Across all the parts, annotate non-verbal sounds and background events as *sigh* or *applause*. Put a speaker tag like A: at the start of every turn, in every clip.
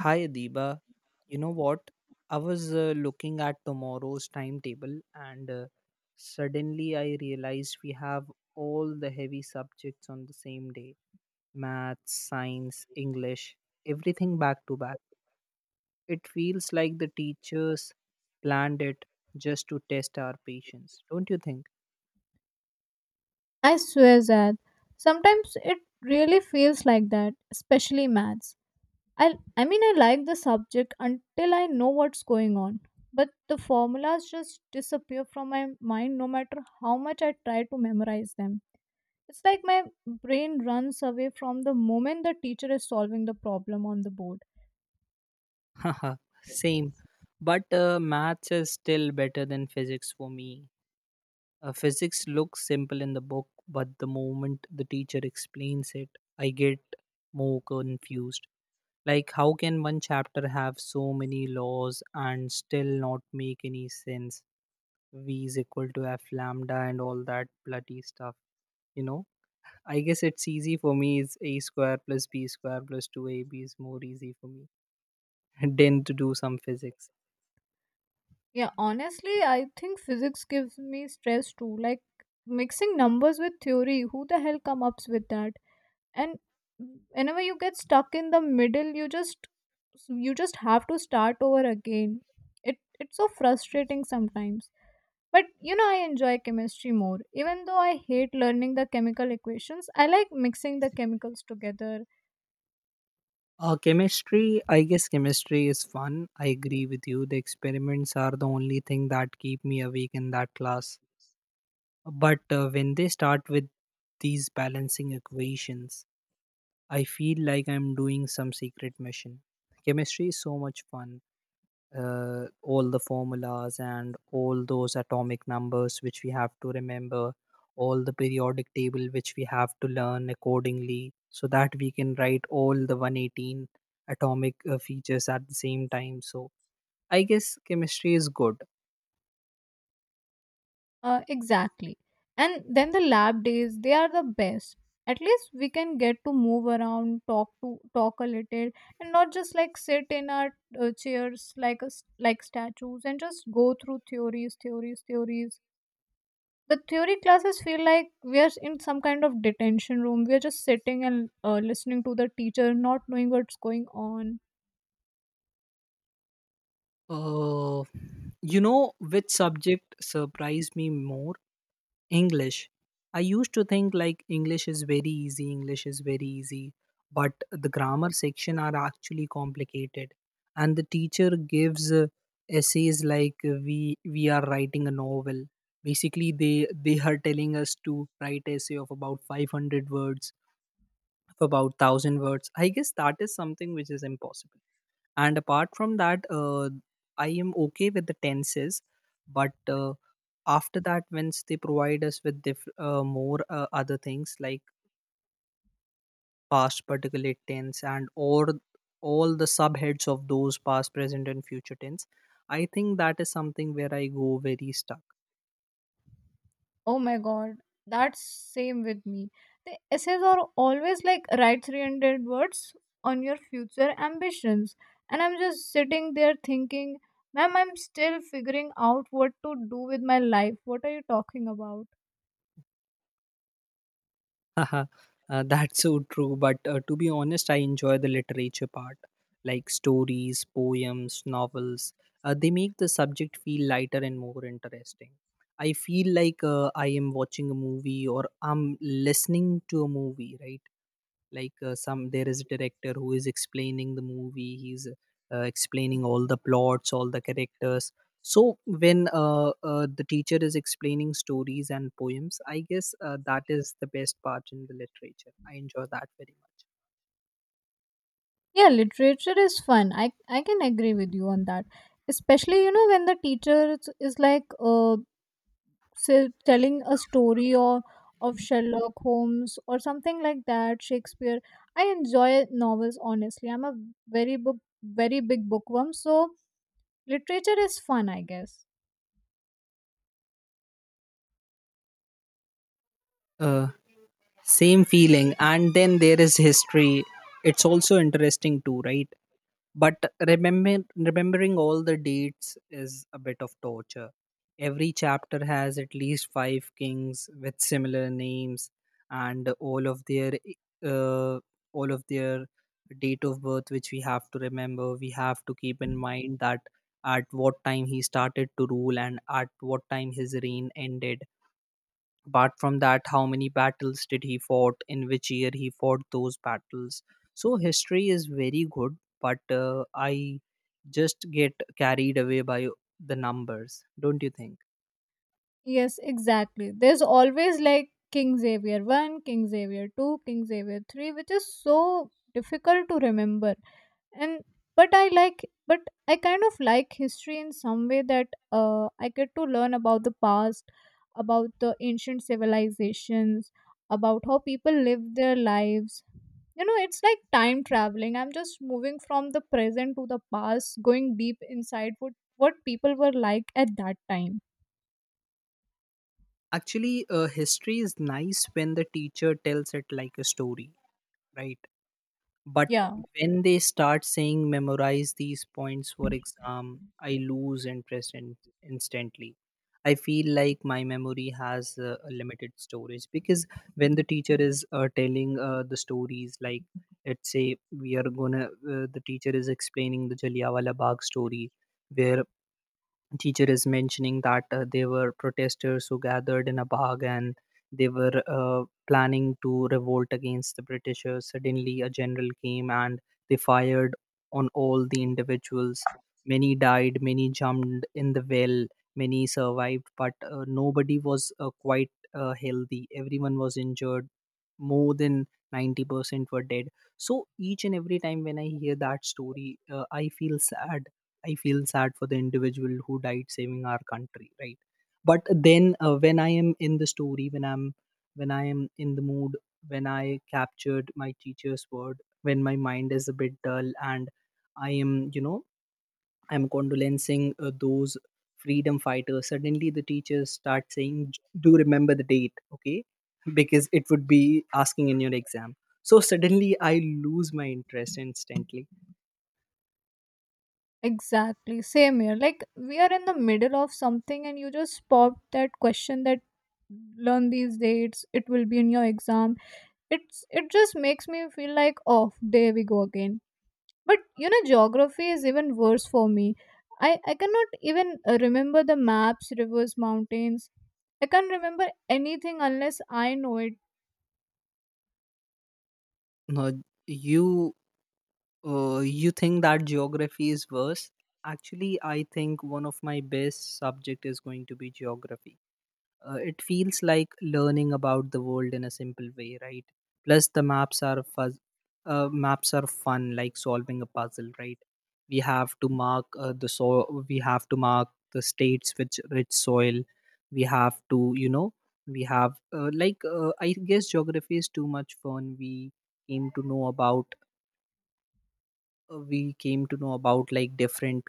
A: Hi, Adiba. You know what? I was looking at tomorrow's timetable and suddenly I realized we have all the heavy subjects on the same day: math, science, English, everything back to back. It feels like the teachers planned it just to test our patience, don't you think?
B: I swear that sometimes it really feels like that, especially maths. I mean I like the subject until I know what's going on, but the formulas just disappear from my mind no matter how much I try to memorize them. It's like my brain runs away from the moment the teacher is solving the problem on the board.
A: *laughs* Haha. Same. But maths is still better than physics for me. Physics looks simple in the book, but the moment the teacher explains it, I get more confused. Like, how can one chapter have so many laws and still not make any sense? V is equal to F lambda and all that bloody stuff, you know? I guess it's easy for me. It's A square plus B square plus 2AB is more easy for me *laughs* than to do some physics.
B: Yeah, honestly, I think physics gives me stress too. Like mixing numbers with theory, who the hell comes up with that? And whenever you get stuck in the middle you just have to start over again. It's so frustrating sometimes, but you know I enjoy chemistry more. Even though I hate learning the chemical equations, I like mixing the chemicals together.
A: Chemistry, I guess chemistry is fun. I agree with you. The experiments are the only thing that keep me awake in that class. But when they start with these balancing equations, I feel like I'm doing some secret mission. Chemistry is so much fun, all the formulas and all those atomic numbers which we have to remember, all the periodic table which we have to learn accordingly, so that we can write all the 118 atomic features at the same time. So I guess chemistry is good.
B: Exactly. And then the lab days, they are the best. At least we can get to move around, talk a little, and not just like sit in our chairs like us like statues and just go through theories, theories, theories. The theory classes feel like we are in some kind of detention room. We are just sitting and listening to the teacher, not knowing what's going on.
A: Uh, you know which subject surprised me more? English. I used to think like English is very easy, English is very easy, but the grammar section are actually complicated. And the teacher gives essays like uh, we are writing a novel. Basically, they are telling us to write essay of about 500 words, of about 1000 words. I guess that is something which is impossible. And apart from that, I am okay with the tenses, but after that once they provide us with more other things like past particulate tense and or all the subheads of those past, present and future tense. I think that is something where I go very stuck.
B: Oh my god, that's same with me. The essays are always like write 300 words on your future ambitions. And I'm just sitting there thinking, ma'am, I'm still figuring out what to do with my life. What are you talking about?
A: *laughs* uh, that's so true, but to be honest, I enjoy the literature part, like stories, poems, novels. Uh, they make the subject feel lighter and more interesting. I feel like I am watching a movie or I'm listening to a movie, right? Like, some there is a director who is explaining the movie. He's explaining all the plots, all the characters. So when the teacher is explaining stories and poems, I guess that is the best part in the literature. I enjoy that very much.
B: Yeah, literature is fun. I can agree with you on that. Especially, you know, when the teacher is like, telling a story or of Sherlock Holmes or something like that, Shakespeare. I enjoy novels honestly. I'm a very big bookworm, so literature is fun, I guess.
A: uh, Same feeling. And then there is history. It's also interesting too, right? But remembering all the dates is a bit of torture. Every chapter has at least five kings with similar names and all of their uh, all of their date of birth which we have to remember. We have to keep in mind that at what time he started to rule and at what time his reign ended. Apart from that, how many battles did he fought, in which year he fought those battles. So history is very good, but I just get carried away by the numbers, don't you think?
B: Yes, exactly. There's always like King Xavier 1, King Xavier 2, King Xavier 3, which is so difficult to remember. And but I kind of like history in some way, that I get to learn about the past, about the ancient civilizations, about how people live their lives. You know, it's like time traveling. I'm just moving from the present to the past, going deep inside what people were like at that time.
A: Actually, history is nice when the teacher tells it like a story, right? But
B: Yeah,
A: when they start saying memorize these points for exam, I lose interest in, instantly. I feel like my memory has a limited storage, because when the teacher is telling the stories, like, let's say we are gonna the teacher is explaining the Jallianwala Bagh story, where teacher is mentioning that they were protesters who gathered in a bag and they were planning to revolt against the Britishers. Suddenly a general came and they fired on all the individuals. Many died, many jumped in the well, many survived, but nobody was quite healthy. Everyone was injured. More than 90% were dead. So each and every time when I hear that story, I feel sad. I feel sad for the individual who died saving our country, right? But then when I am in the story, when I am in the mood, when I captured my teacher's word, when my mind is a bit dull and I am, you know, I'm condolencing those freedom fighters. Suddenly, the teachers start saying, "Do remember the date, okay?" *laughs* Because it would be asking in your exam. So suddenly, I lose my interest instantly.
B: exactly. Same here. Like we are in the middle of something and you just pop that question that learn these dates, it will be in your exam. It's, it just makes me feel like, oh, there we go again. But you know geography is even worse for me. I cannot even remember the maps, rivers, mountains. I can't remember anything unless I know it.
A: No, you you think that geography is worse? Actually, I think one of my best subject is going to be geography. It feels like learning about the world in a simple way, right? Plus, the maps are maps are fun, like solving a puzzle, right? We have to mark the soil. We have to mark the states with rich soil. We have to, you know, we have I guess geography is too much fun. We came to know about like different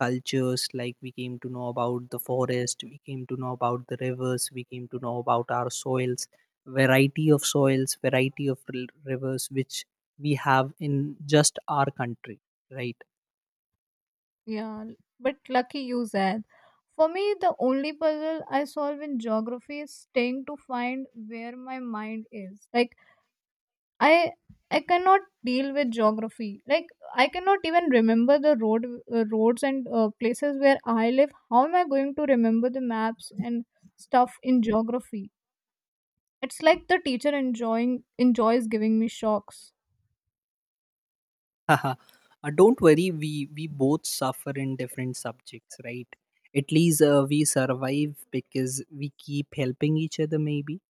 A: cultures. Like, we came to know about the forest, we came to know about the rivers, we came to know about our soils, variety of soils, variety of rivers which we have in just our country, right?
B: Yeah, but lucky you said. For me, the only puzzle I solve in geography is staying to find where my mind is. Like I I cannot deal with geography. Like I cannot even remember the roads and places where I live. How am I going to remember the maps and stuff in geography? It's like the teacher enjoying enjoys giving me shocks.
A: *laughs* uh, don't worry, we both suffer in different subjects, right? At least we survive because we keep helping each other. Maybe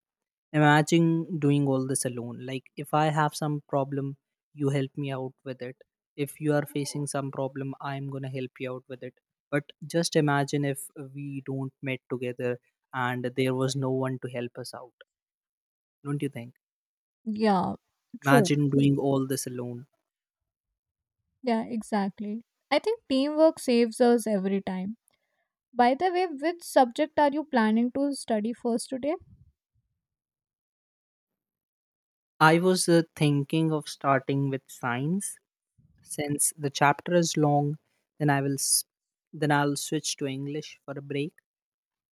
A: imagine doing all this alone. Like, if I have some problem, you help me out with it. If you are facing some problem, I'm going to help you out with it. But just imagine if we don't met together and there was no one to help us out. Don't you think?
B: Yeah, true.
A: Imagine doing all this alone.
B: Yeah, exactly. I think teamwork saves us every time. By the way, which subject are you planning to study first today?
A: I was thinking of starting with science since the chapter is long. Then I will, s- then I'll switch to English for a break.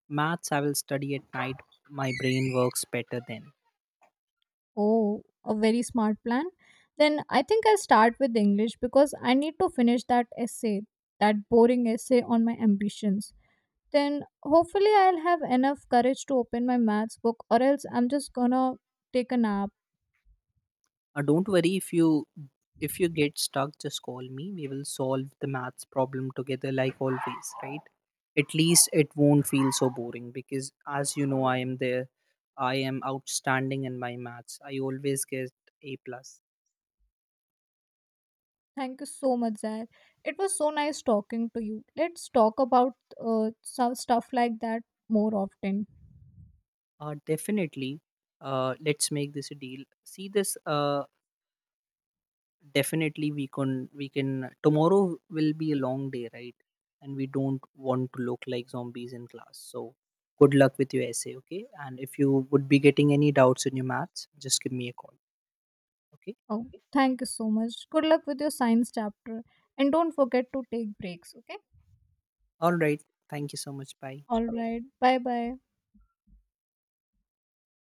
A: Maths I will study at night. My brain works better then.
B: Oh, a very smart plan. Then I think I'll start with English because I need to finish that essay, that boring essay on my ambitions. Then hopefully I'll have enough courage to open my maths book, or else I'm just gonna take a nap.
A: Don't worry, if you get stuck, just call me. We will solve the maths problem together like always, right? At least it won't feel so boring because, as you know, I am there. I am outstanding in my maths. I always get A plus.
B: Thank you so much, Zair. It was so nice talking to you. Let's talk about some stuff like that more often.
A: Definitely. Let's make this a deal. See this. Definitely we can, tomorrow will be a long day, right? And we don't want to look like zombies in class. So good luck with your essay, okay? And if you would be getting any doubts in your maths, just give me a call, okay?
B: Oh, thank you so much. Good luck with your science chapter. And don't forget to take breaks, okay?
A: All right, thank you so much. Bye.
B: All right. Bye bye.